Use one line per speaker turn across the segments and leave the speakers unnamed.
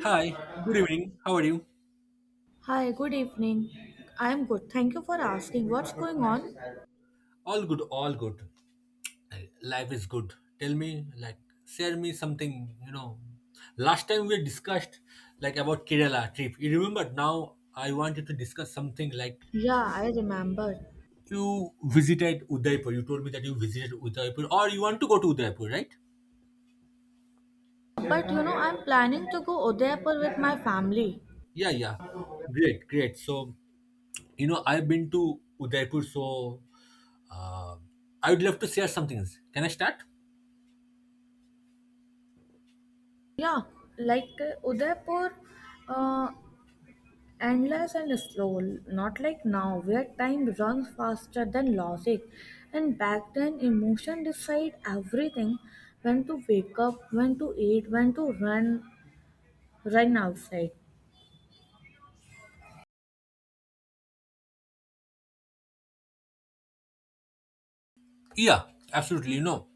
Hi, good evening. How are you?
Hi, good evening. I'm good. Thank you for asking. What's going on?
All good, all good. Uh, Life is good. Tell me, share me something. Last time we discussed, about Kerala trip. You remember now I wanted to discuss something like
Yeah, I remember.
you visited Udaipur. You told me that you visited Udaipur or you want to go to Udaipur, right?
But I'm planning to go Udaipur with my family.
Yeah, yeah. Great, great. So, you know, I've been to Udaipur, so uh, I would love to share some things. Can I start?
Yeah, like Udaipur, uh, endless and slow. Not like now, where time runs faster than logic. And back then, emotion decide everything. When to wake up, when to eat, when to run, outside.
Yeah, absolutely.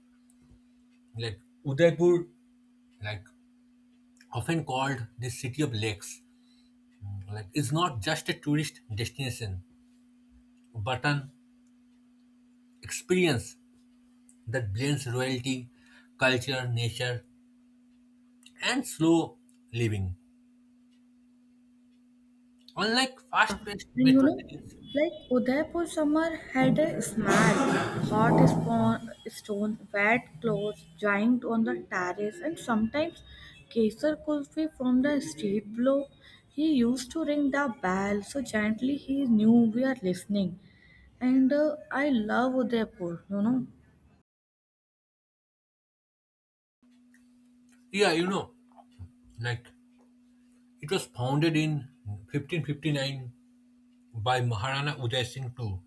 Like Udaipur, like often called the city of lakes, is not just a tourist destination, but an experience that blends royalty, culture, nature, and slow living. Unlike fast-paced
And you
metro
know,
cities,
like Udaipur summer had a smell, hot spawn, stone, wet clothes, giant on the terrace, and sometimes Kesar Kulfi from the street below. He used to ring the bell so gently he knew we are listening. And I love Udaipur.
yeah, you know, like it was founded in 1559 by Maharana Uday Singh II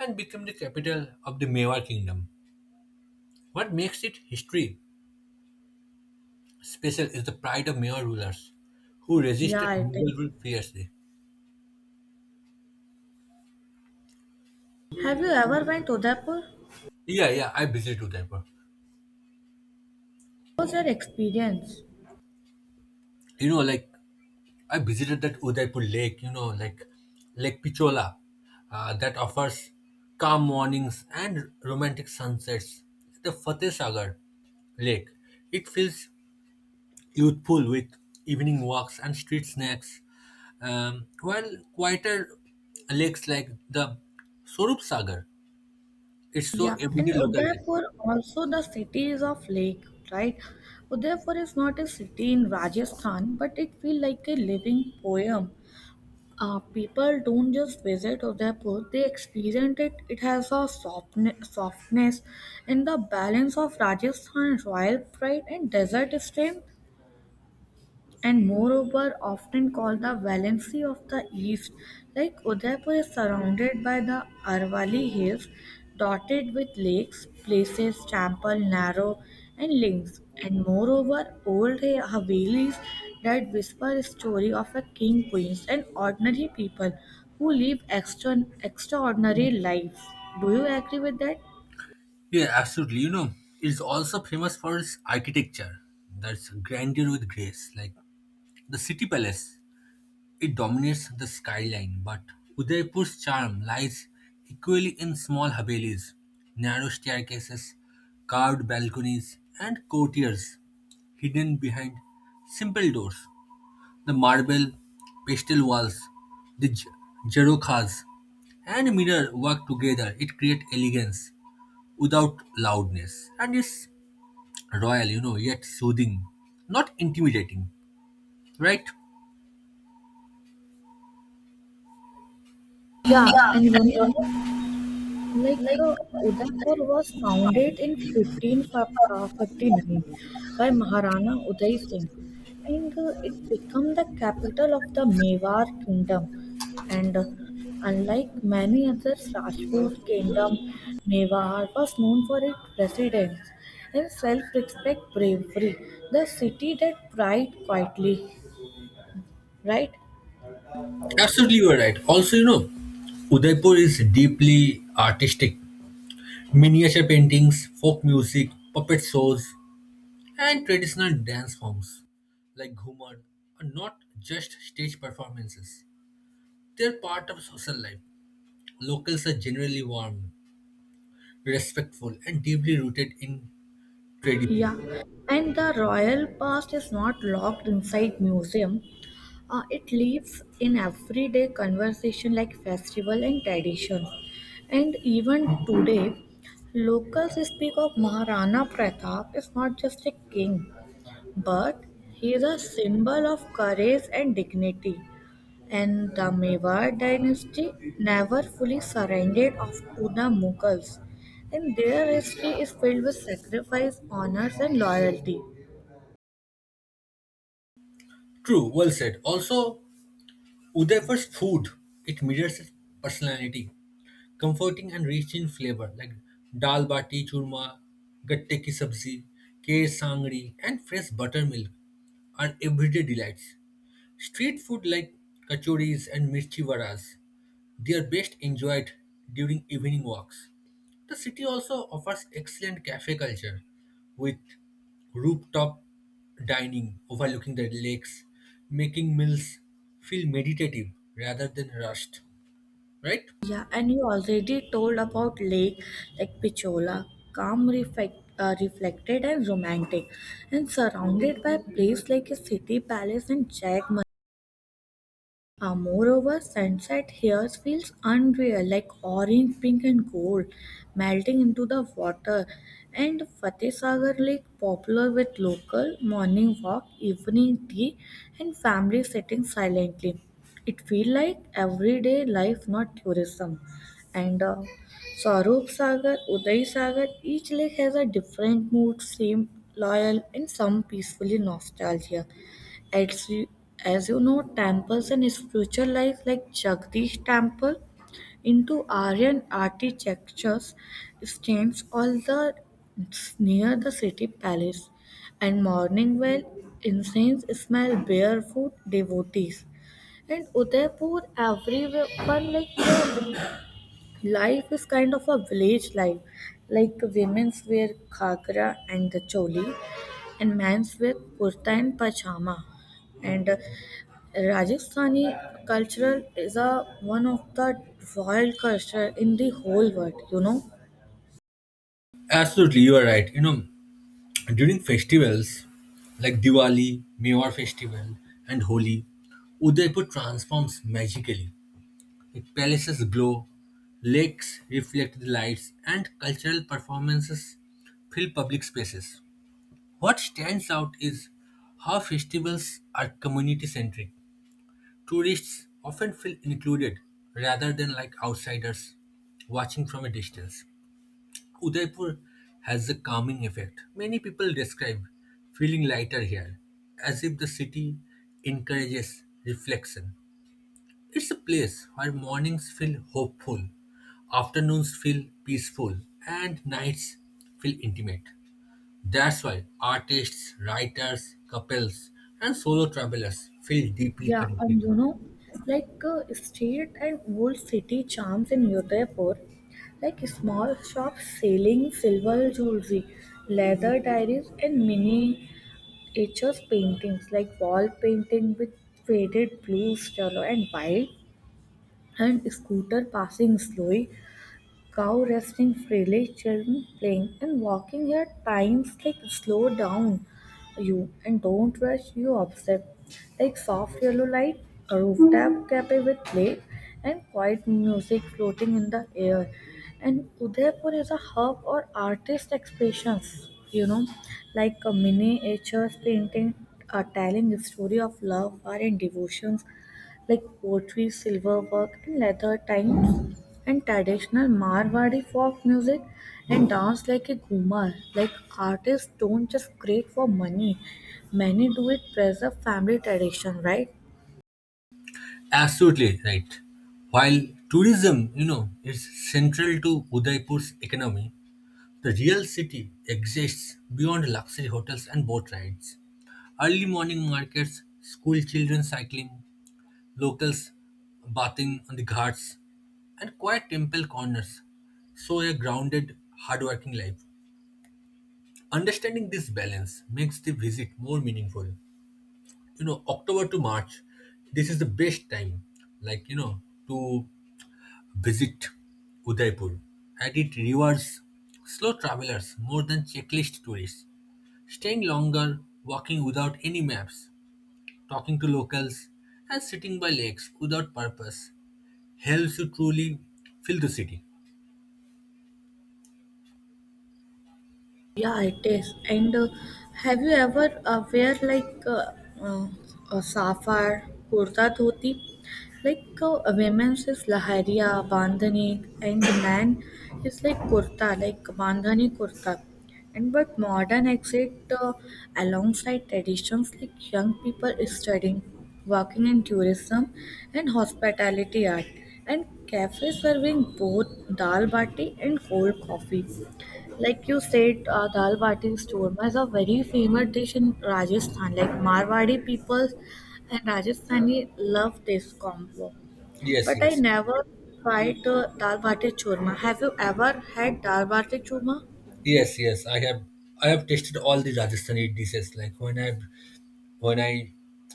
and became the capital of the Mewar kingdom. What makes it history Special is the pride of Mayor rulers who
Yeah,
resisted
I think.
Mughal rule fiercely.
Have you ever went to Udaipur?
Yeah, yeah, I visited Udaipur.
What was your experience?
You know, like I visited that Udaipur lake, you know, like Lake Pichola that offers calm mornings and romantic sunsets. The Fateh Sagar lake, it feels youthful with evening walks and street snacks, while quieter lakes like the Sorup Sagar, it's so
Yeah,
everyday
and
local lake.
Udaipur also the cities of lake, right? Udaipur is not a city in Rajasthan, but it feels like a living poem. People don't just visit Udaipur; they experience it. It has a softness, and the balance of Rajasthan royal pride and desert strength, and moreover often called the Valency of the East. Like Udaipur is surrounded by the Arvalli Hills, dotted with lakes, places, temple, narrow, and links. And moreover, old Havelis that whisper a story of a king, queens, and ordinary people who live extraordinary lives. Do you agree with that?
Yeah, absolutely. You know, it's also famous for its architecture. That's grandeur with grace. Like the city palace, it dominates the skyline, but Udaipur's charm lies equally in small havelis, narrow staircases, carved balconies, and courtiers hidden behind simple doors. The marble, pastel walls, the jarokas, and mirror work together. It creates elegance without loudness and is royal, you know, yet soothing, not intimidating, right?
Yeah. And like Udaipur was founded in 1559 by Maharana Uday Singh, and it became the capital of the Mewar kingdom. And unlike many other Rajput kingdom, Mewar was known for its residence and self-respect bravery, the city that pride quietly, right?
Absolutely, you are right. Also, you know, Udaipur is deeply artistic. Miniature paintings, folk music, puppet shows, and traditional dance forms like Ghumar are not just stage performances. They're part of social life. Locals are generally warm, respectful, and deeply rooted in tradition.
Yeah, and the royal past is not locked inside museum. It lives in everyday conversation like festival and tradition. And even today, locals speak of Maharana Pratap is not just a king, but he is a symbol of courage and dignity. And the Mewar dynasty never fully surrendered off to the Mughals, and their history is filled with sacrifice, honors, and loyalty.
True, well said. Also, Udaipur's food, it mirrors its personality, comforting and rich in flavor like dal bati churma, gatte ki sabzi, kher sangri, and fresh buttermilk are everyday delights. Street food like kachoris and mirchi varas, they are best enjoyed during evening walks. The city also offers excellent cafe culture with rooftop dining overlooking the lakes, making meals feel meditative rather than rushed, right?
Yeah, and you already told about Lake like Pichola, calm, reflected, and romantic, and surrounded by place like a city palace and Jack moreover, sunset here feels unreal, like orange, pink, and gold melting into the water. And Fateh Sagar Lake, popular with local morning walk, evening tea, and family sitting silently. It feels like everyday life, not tourism. And Sarup Sagar, Uday Sagar, each lake has a different mood, same loyal, and some peacefully nostalgia. As you, as you know, temples and spiritualized like Jagdish Temple into Aryan architectures stands all the near the city palace, and morning well incense smell barefoot devotees. And Udaipur, everyone like the life is kind of a village life, like women's wear ghagra and the choli, and men's wear kurta and pajama, and Rajasthani cultural is a one of the wild culture in the whole world.
Absolutely, you are right. You know, during festivals like Diwali, Mewar festival, and Holi, Udaipur transforms magically. It palaces glow, lakes reflect the lights, and cultural performances fill public spaces. What stands out is how festivals are community centric. Tourists often feel included rather than like outsiders watching from a distance. Udaipur has a calming effect. Many people describe feeling lighter here, as if the city encourages reflection. It's a place where mornings feel hopeful, afternoons feel peaceful, and nights feel intimate. That's why artists, writers, couples, and solo travelers feel deeply
Yeah,
connected
and
to it.
like street and old city charms in Udaipur, like small shops selling silver jewelry, leather diaries, and mini etchers paintings like wall painting with faded blues, yellow, and white, and scooter passing slowly. Cow resting freely, children playing, and walking at times like slow down you and don't rush you upset. Like soft yellow light, a rooftop cafe with play, and quiet music floating in the air. And Udaipur is a hub or artist expressions, like a miniatures painting, a telling the story of love, war, and devotions like pottery, silverwork, and leather times, and traditional Marwari folk music and dance like a ghumar. Like artists don't just create for money, many do it preserve family tradition, right?
Absolutely right. While tourism, you know, is central to Udaipur's economy, the real city exists beyond luxury hotels and boat rides. Early morning markets, school children cycling, locals bathing on the ghats, and quiet temple corners show a grounded, hardworking life. Understanding this balance makes the visit more meaningful. You know, October to March, this is the best time, like, you know, to visit Udaipur. And it rewards slow travelers more than checklist tourists. Staying longer, walking without any maps, talking to locals, and sitting by lakes without purpose helps you truly feel the city.
Yeah, it is. And have you ever wear like uh, a safar, kurta, dhoti? Like a women's is lahariya, bandhani, and the man is like kurta, like bandhani kurta. And but modern exit alongside traditions like young people studying, working in tourism and hospitality art, and cafes serving both dal bati and cold coffee. Like you said, dal bati is churma is a very famous dish in Rajasthan. Like Marwari people and Rajasthani love this combo.
Yes,
But I
yes.
never tried dal bati churma. Have you ever had dal bati churma?
Yes, yes. I have tasted all the Rajasthani dishes. Like when I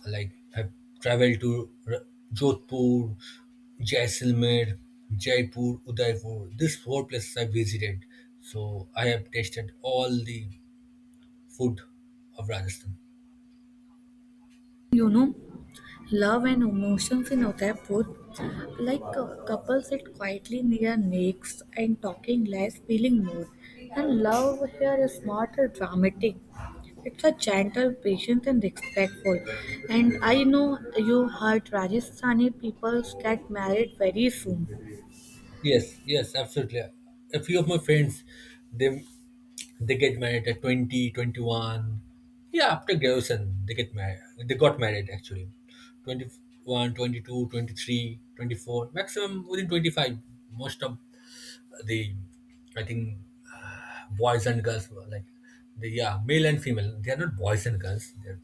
like have traveled to Jodhpur, Jaisalmer, Jaipur, Udaipur. These four places I visited, so I have tasted all the food of Rajasthan.
You know, love and emotions in Udaipur. Like couples sit quietly near necks and talking less, feeling more. And love here is not a dramatic. It's a gentle, patient, and respectful. And I know you heard Rajasthani people get married very soon.
Yes, yes, absolutely. A few of my friends, they they get married at 20, 21. Yeah, after graduation, they get married. They got married actually. 21, 22, 23, 24, maximum within 25. Most of the I think uh, boys and girls were like the yeah male and female they are not boys and girls they're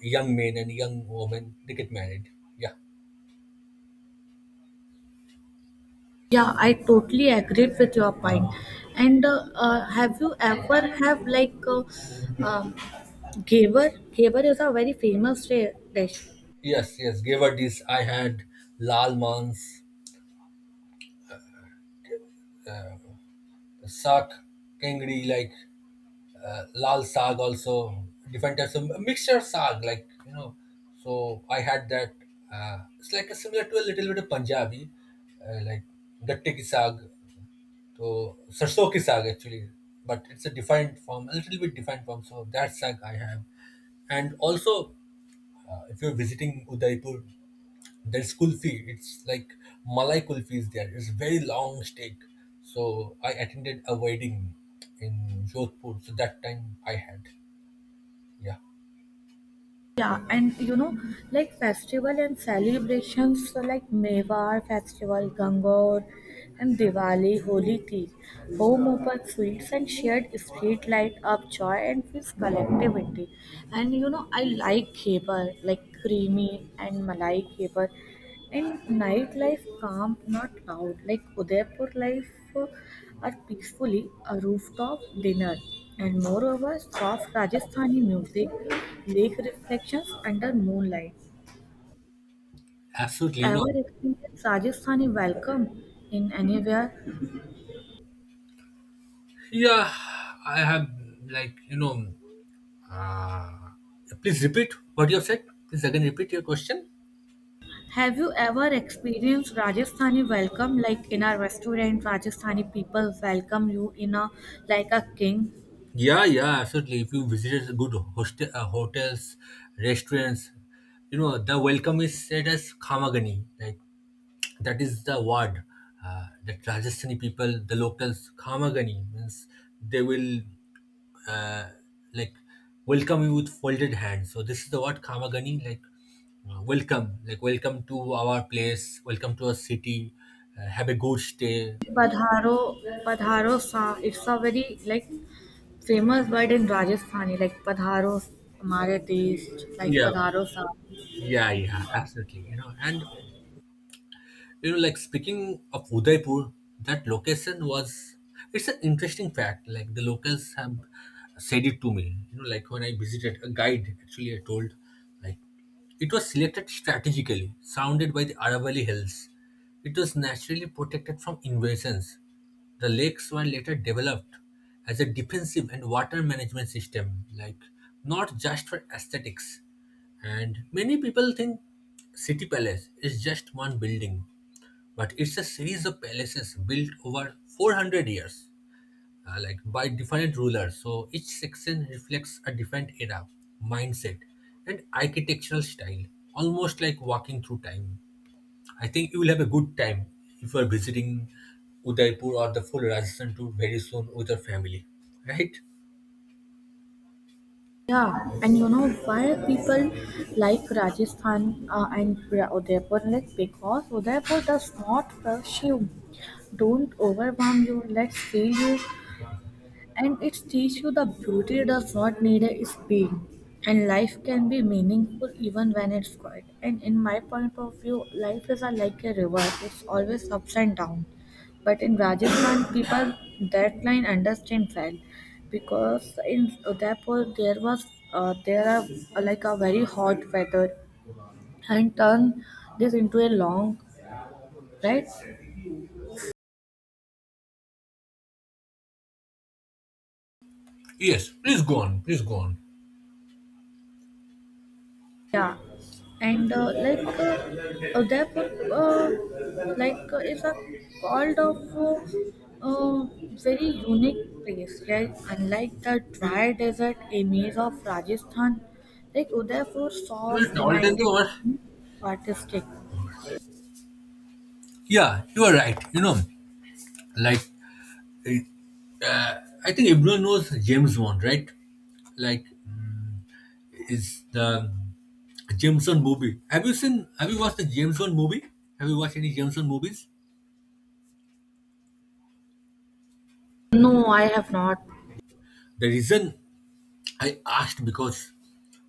young men and young women they get married yeah
Yeah, I totally agreed with your point. And have you ever have like um, gaver? Gaver is a very famous dish.
yes yes gave her this I had lal mans sak kengri like lal sag also different types of mixture of sag like you know so I had that it's like a similar to a little bit of punjabi like gatte ki sag so sarso ki saag actually but it's a defined form a little bit defined form so that saag I have. And also if you're visiting Udaipur there's kulfi. It's like Malai kulfi is there. It's very long steak. So I attended a wedding in Jodhpur. So that time I had. Yeah,
Yeah, and you know, like festival and celebrations so like Mewar festival, Gangor, and Diwali, Holi Tea, home open sweets and shared street light up joy and feels collectivity. And I like kheper, like creamy and malai kheper. And nightlife calm, not loud. Like Udaipur life uh, are peacefully a rooftop dinner. And moreover, soft Rajasthani music, lake reflections under moonlight.
absolutely. You know.
Ever experienced Rajasthani welcome in anywhere?
Yeah, I have like you know. Uh, please repeat what you have said. Please again repeat your question.
Have you ever experienced Rajasthani welcome like in a restaurant? Rajasthani people welcome you in a like a king.
Yeah, yeah, absolutely. If you visited good hostel, hotels, restaurants, you know the welcome is said as khamagani, like that is the word that Rajasthani people, the locals, Khamagani means they will uh, like welcome you with folded hands. So this is the word Khamagani, like welcome, like welcome to our place, welcome to our city, have a good stay. Like,
Padharo, padharo sa. It's a very like famous word in Rajasthani like "padharo hamare desh," like
yeah,
"padharo sath."
yeah, yeah, absolutely. You know, like speaking of Udaipur, that location was it's an interesting fact. Like the locals have said it to me. You know, like when I visited a guide actually I told like it was selected strategically, surrounded by the Aravalli Hills. It was naturally protected from invasions. The lakes were later developed as a defensive and water management system, like not just for aesthetics. And many people think City Palace is just one building, but it's a series of palaces built over 400 years, like by different rulers. So each section reflects a different era, mindset, and architectural style, almost like walking through time. I think you will have a good time if you are visiting Udaipur or the full Rajasthan tour very soon with your family, right?
Yeah, and you know why people like Rajasthan, and Udaipur? Like because Udaipur does not rush you, don't overwhelm you, let's feel you, and it teaches you the beauty does not need a speed. And life can be meaningful even when it's quiet. And in my point of view, life is like a river. It's always ups and down. But in Rajasthan, people that line understand well, because in Udaipur there was there are like a very hot weather and turn this into a long, right?
Yes, please go on, please go on.
Yeah, and like that like is a called of uh, very unique place. Like unlike the dry desert image of Rajasthan, like Udaipur
Well,
soft,
Tolton
romantic,
was,
artistic.
yeah, you are right. You know, like I I think everyone knows James Bond, right? Like is the James Bond movie. Have you seen? Have you watched the James Bond movie? Have you watched any James Bond movies?
No, I have not.
The reason I asked because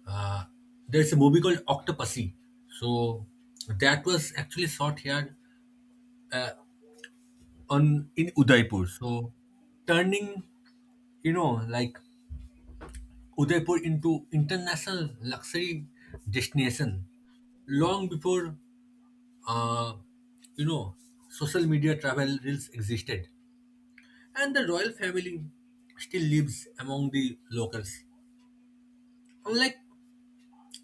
uh, there's a movie called Octopussy. So that was actually shot here on in Udaipur. So turning you know like Udaipur into international luxury destination long before uh, you know social media travel reels existed and the royal family still lives among the locals. Unlike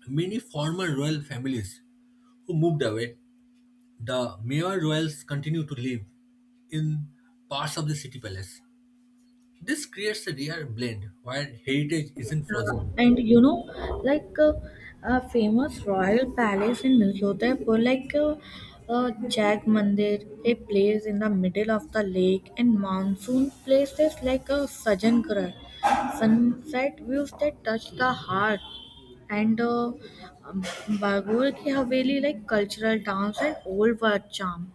many former royal families who moved away, the mayor royals continue to live in parts of the city palace. This creates a rare blend where heritage isn't frozen.
And like a famous royal palace in Udaipur like Jag Mandir, a place in the middle of the lake and monsoon places like a Sajjangarh sunset views that touch the heart, and um, Bagul ki Haveli like cultural dance and old world charm.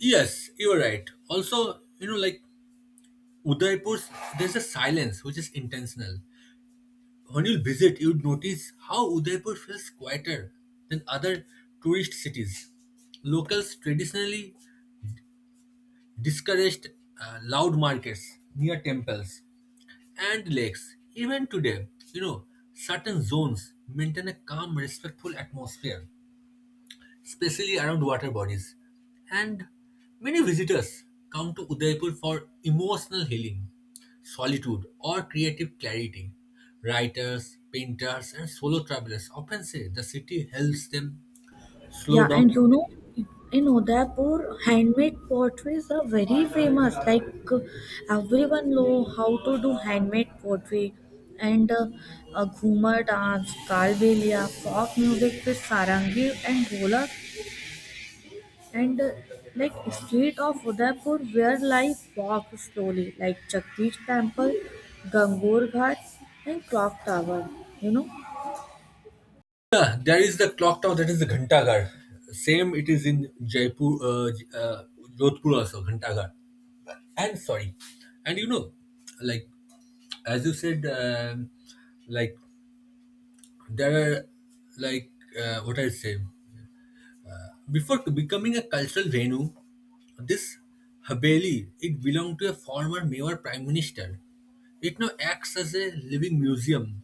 Yes, you're right. Also, you know, like Udaipur, there's a silence which is intentional. When you visit, you'd notice how Udaipur feels quieter than other tourist cities. Locals traditionally discouraged loud markets near temples and lakes. Even today, you know, certain zones maintain a calm, respectful atmosphere, especially around water bodies. And many visitors come to Udaipur for emotional healing, solitude, or creative clarity. Writers, painters, and solo travelers often say the city helps them slow
Yeah,
down
and you know,
mentally.
in Udaipur, handmade potteries are very famous. Like uh, everyone know how to do handmade pottery, and Ghumar dance, Kalbelia, folk music with sarangi and Gholak, and like street of Udaipur where life walks slowly, like Jagdish Temple, Gangur Ghat, and Clock Tower. You know.
Yeah, there is the clock tower that is the Ghantaghar. Same it is in Jaipur, Jodhpur also Ghantaghar. And sorry, and you know, like as you said, like there are like what I say before becoming a cultural venue, this Haveli it belonged to a former Mewar prime minister. It now acts as a living museum,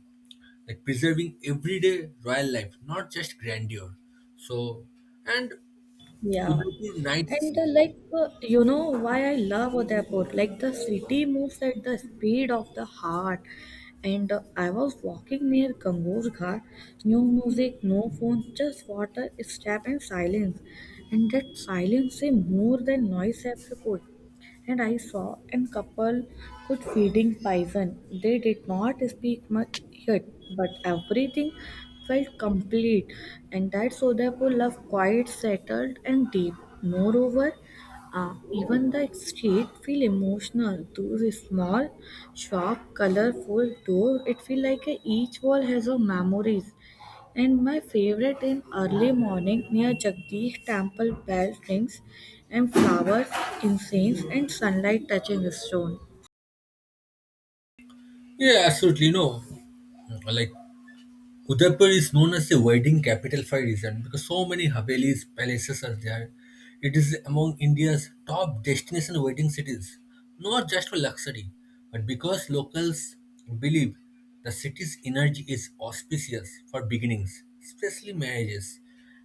like preserving everyday royal life, not just grandeur. So, and
Yeah,
Udaipur nights?
and like you know why I love Udaipur. Like the city moves at the speed of the heart. And I was walking near Gangur Ghat. No music, no phone, just water, step, and silence. And that silence say more than noise ever could. And I saw a couple could feeding python. They did not speak much yet, but everything felt complete, and that Sodapur love quite settled and deep. Moreover, even the street feel emotional. Those small, sharp, colorful doors, it feel like each wall has a memories. And my favorite in early morning near Jagdish temple bell rings and flowers, incense and sunlight touching stone.
Yeah, absolutely no. Like Udaipur is known as the wedding capital for a reason because so many Havelis, palaces are there. It is among India's top destination wedding cities, not just for luxury, but because locals believe the city's energy is auspicious for beginnings, especially marriages.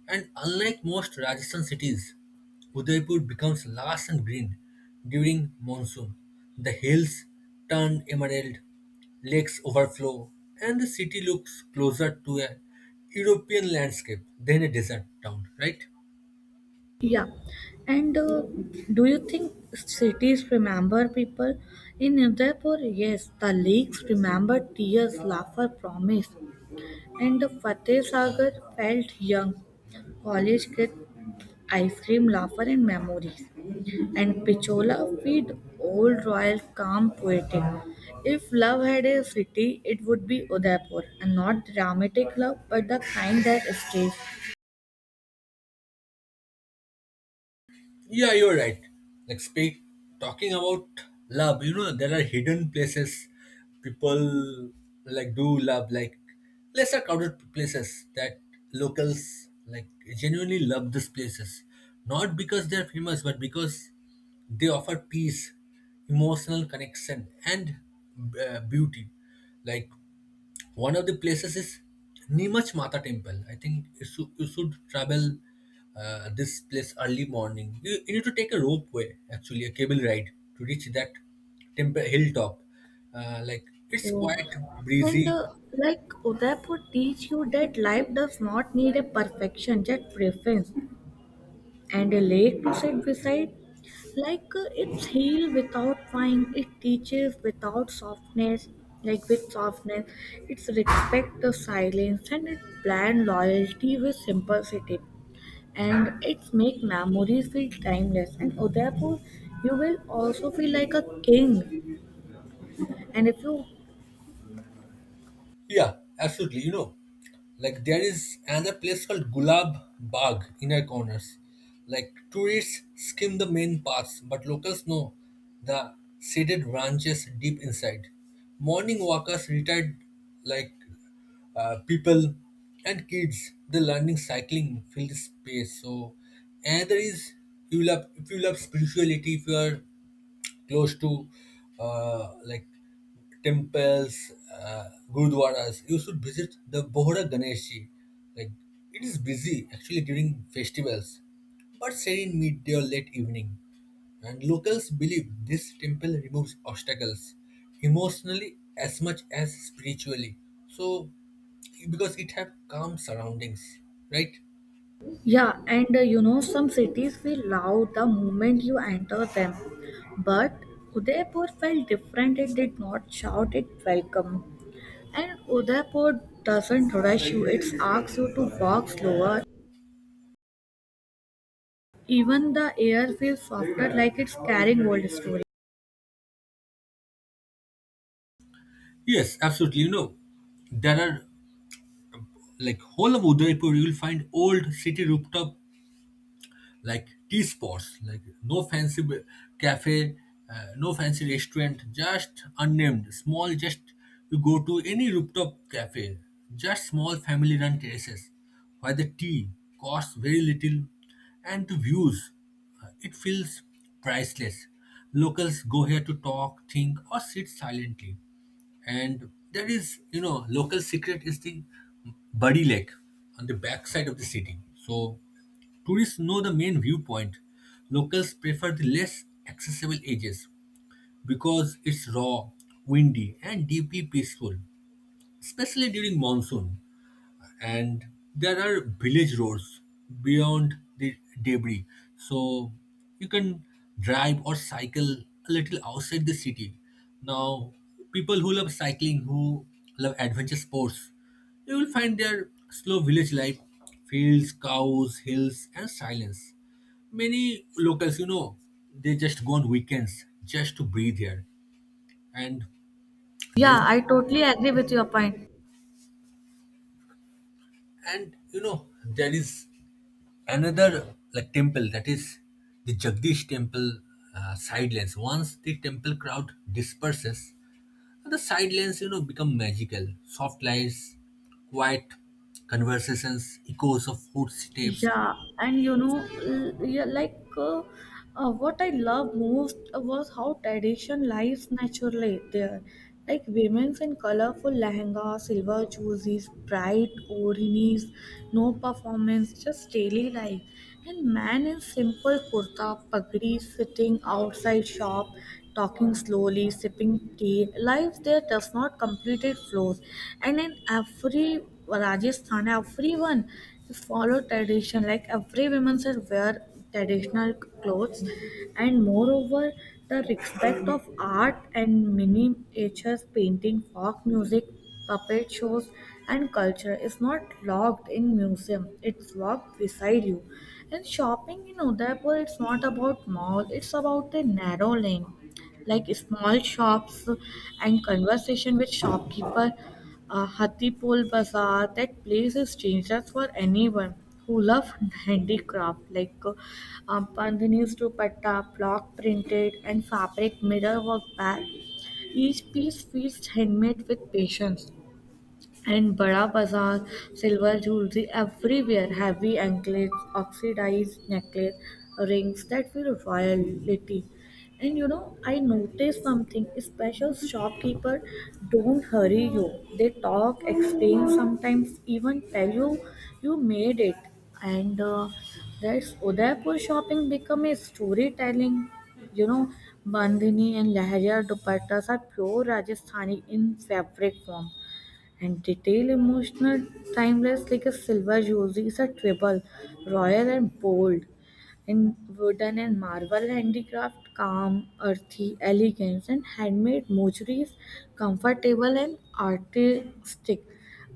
And unlike most Rajasthan cities, Udaipur becomes lush and green during monsoon. The hills turn emerald, Lakes overflow, and the city looks closer to a European landscape than a desert town, right?
Yeah, and do you think cities remember people? In Udaipur, yes, the lakes remember tears, laughter, promise, and the Fateh Sagar felt young. College kids, ice cream, laughter, and memories. And Pichola feed old royal calm poetic. If love had a city, it would be Udaipur, and not dramatic love, but the kind that stays.
Yeah, you're right. Like speak talking about love, you know, there are hidden places people like do love, like lesser crowded places that locals like genuinely love these places. Not because they're famous, but because they offer peace, emotional connection, and beauty. Like One of the places is Nimach Mata Temple. I think should you should travel this place early morning. You need to take a ropeway, actually, a cable ride to reach that temple hilltop. Like it's
Oh.
quite
And
breezy
uh, like Udaipur teach you that life does not need a perfection, just preference. And a lake to sit beside, like it's heal without wine, it teaches without softness, like with softness, it's respect the silence and it blend loyalty with simplicity. And it's make memories feel timeless. And Udaipur, you will also feel like a king. And if you.
Yeah, absolutely. You know, like there is another place called Gulab Bagh in our corners. Like tourists skim the main paths, but locals know the shaded branches deep inside. Morning walkers, retired like people and kids, the learning cycling field space. So another is if you love spirituality, if you are close to like temples, uh, gurudwaras. You should visit the Bohra Ganesh Ji. Like it is busy actually during festivals, but serene in midday or late evening. And locals believe this temple removes obstacles emotionally as much as spiritually. So because it have calm surroundings, right?
Yeah, some cities feel loud the moment you enter them. But Udaipur felt different, it did not shout it welcome. And Udaipur doesn't rush you, it asks you to walk slower. Even the air feels softer, like it's carrying old stories.
Yes, absolutely. You know, there are like whole of Udaipur, you will find old city rooftop like tea spots, like no fancy cafe, no fancy restaurant, just unnamed, small, just you go to any rooftop cafe, just small family run terraces where the tea costs very little and the views, it feels priceless. Locals go here to talk, think, or sit silently and there is you know local secret is the Buddy Lake on the backside of the city. So Tourists know the main viewpoint. Locals prefer the less accessible edges because it's raw, windy, and deeply peaceful, especially during monsoon and there are village roads beyond the debris so you can drive or cycle a little outside the city now people who love cycling who love adventure sports you will find their slow village life fields cows hills and silence many locals, you know, they just go on weekends just to breathe here. And there's
Yeah, I totally agree with your point.
and you know, there is another like temple that is the Jagdish temple side lanes. Once the temple crowd disperses, the side lanes you know become magical. Soft lights, quiet conversations, echoes of footsteps.
Yeah, and, like, what I love most was how tradition lives naturally there. Like women in colorful lehenga, silver jerseys, bright oreos, no performance, just daily life. And man in simple kurta, pagdi, sitting outside shop, talking slowly, sipping tea. Life there does not completed flows, and in every Rajasthan, everyone follow tradition like every woman should wear traditional clothes. And moreover, the respect of art and miniatures painting, folk music, puppet shows, and culture is not locked in museum, it's locked beside you. And shopping in Udaipur, it's not about mall, it's about a narrow lane, like small shops and conversation with shopkeeper. A Hatipol bazaar, that place is dangerous for anyone who loves handicraft, like pandhanis, dupatta, block printed, and fabric mirror work bag. Each piece feels handmade with patience. And Bada Bazaar, silver jewelry everywhere, heavy anklets, oxidized necklace, rings that feel royalty. And I noticed something special, shopkeeper don't hurry you. They talk, explain, sometimes even tell you you made it. And that's Udaipur shopping become a storytelling. You know, Bandhani and Lahariya dupattas are pure Rajasthani in fabric form and detail, emotional, timeless, like a silver jewelry, jewelries a treble, royal and bold in wooden and marble handicraft, calm earthy elegance, and handmade mochuri is comfortable and artistic,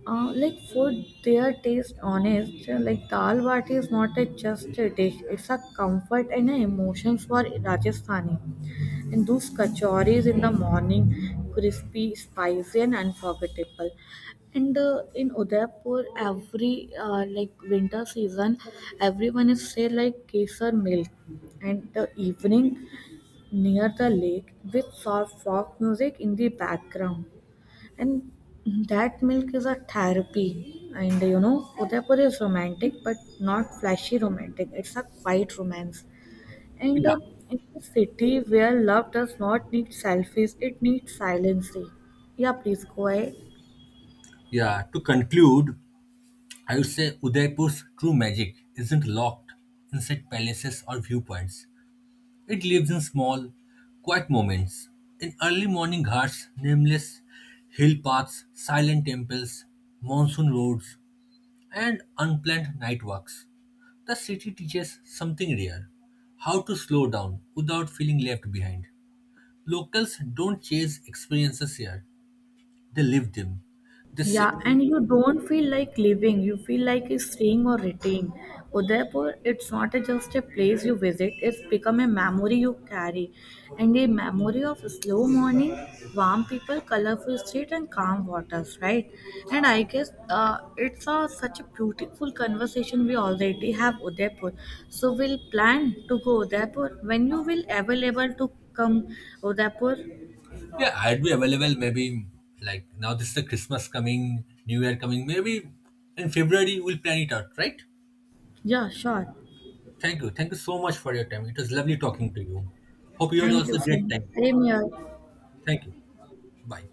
like for their taste honest. Like dal bati is not a just a dish, it's a comfort and a emotions for Rajasthani. And those kachoris in the morning, crispy, spicy, and unforgettable. And in Udaipur, every like winter season, everyone is say like kesar milk. And the evening near the lake with soft folk music in the background. And that milk is a therapy. And Udaipur is romantic, but not flashy romantic. It's a quiet romance. And
Yeah,
uh, in a city where love does not need selfies, it needs silencing. Yeah, please go ahead.
yeah. To conclude, I would say Udaipur's true magic isn't locked inside palaces or viewpoints. It lives in small, quiet moments, in early morning ghats, nameless hill paths, silent temples, monsoon roads, and unplanned night walks. The city teaches something rare how to slow down without feeling left behind. Locals don't chase experiences here, they live them. They
Yeah,
sit.
and you don't feel like living, you feel like it's staying or returning. Udaipur, it's not just a place you visit, it's become a memory you carry. And a memory of slow morning, warm people, colorful street, and calm waters, right? And I guess it's such a beautiful conversation we already have Udaipur. So we'll plan to go Udaipur when you will available to come Udaipur.
Yeah, I'd be available maybe like now this is the Christmas coming, New Year coming, maybe in February we'll plan it out, right?
Yeah, sure.
Thank you. Thank you so much for your time. It was lovely talking to you. Hope you had
Thank
also
you
a
so
great
much.
time.
Same here.
Thank you. Bye.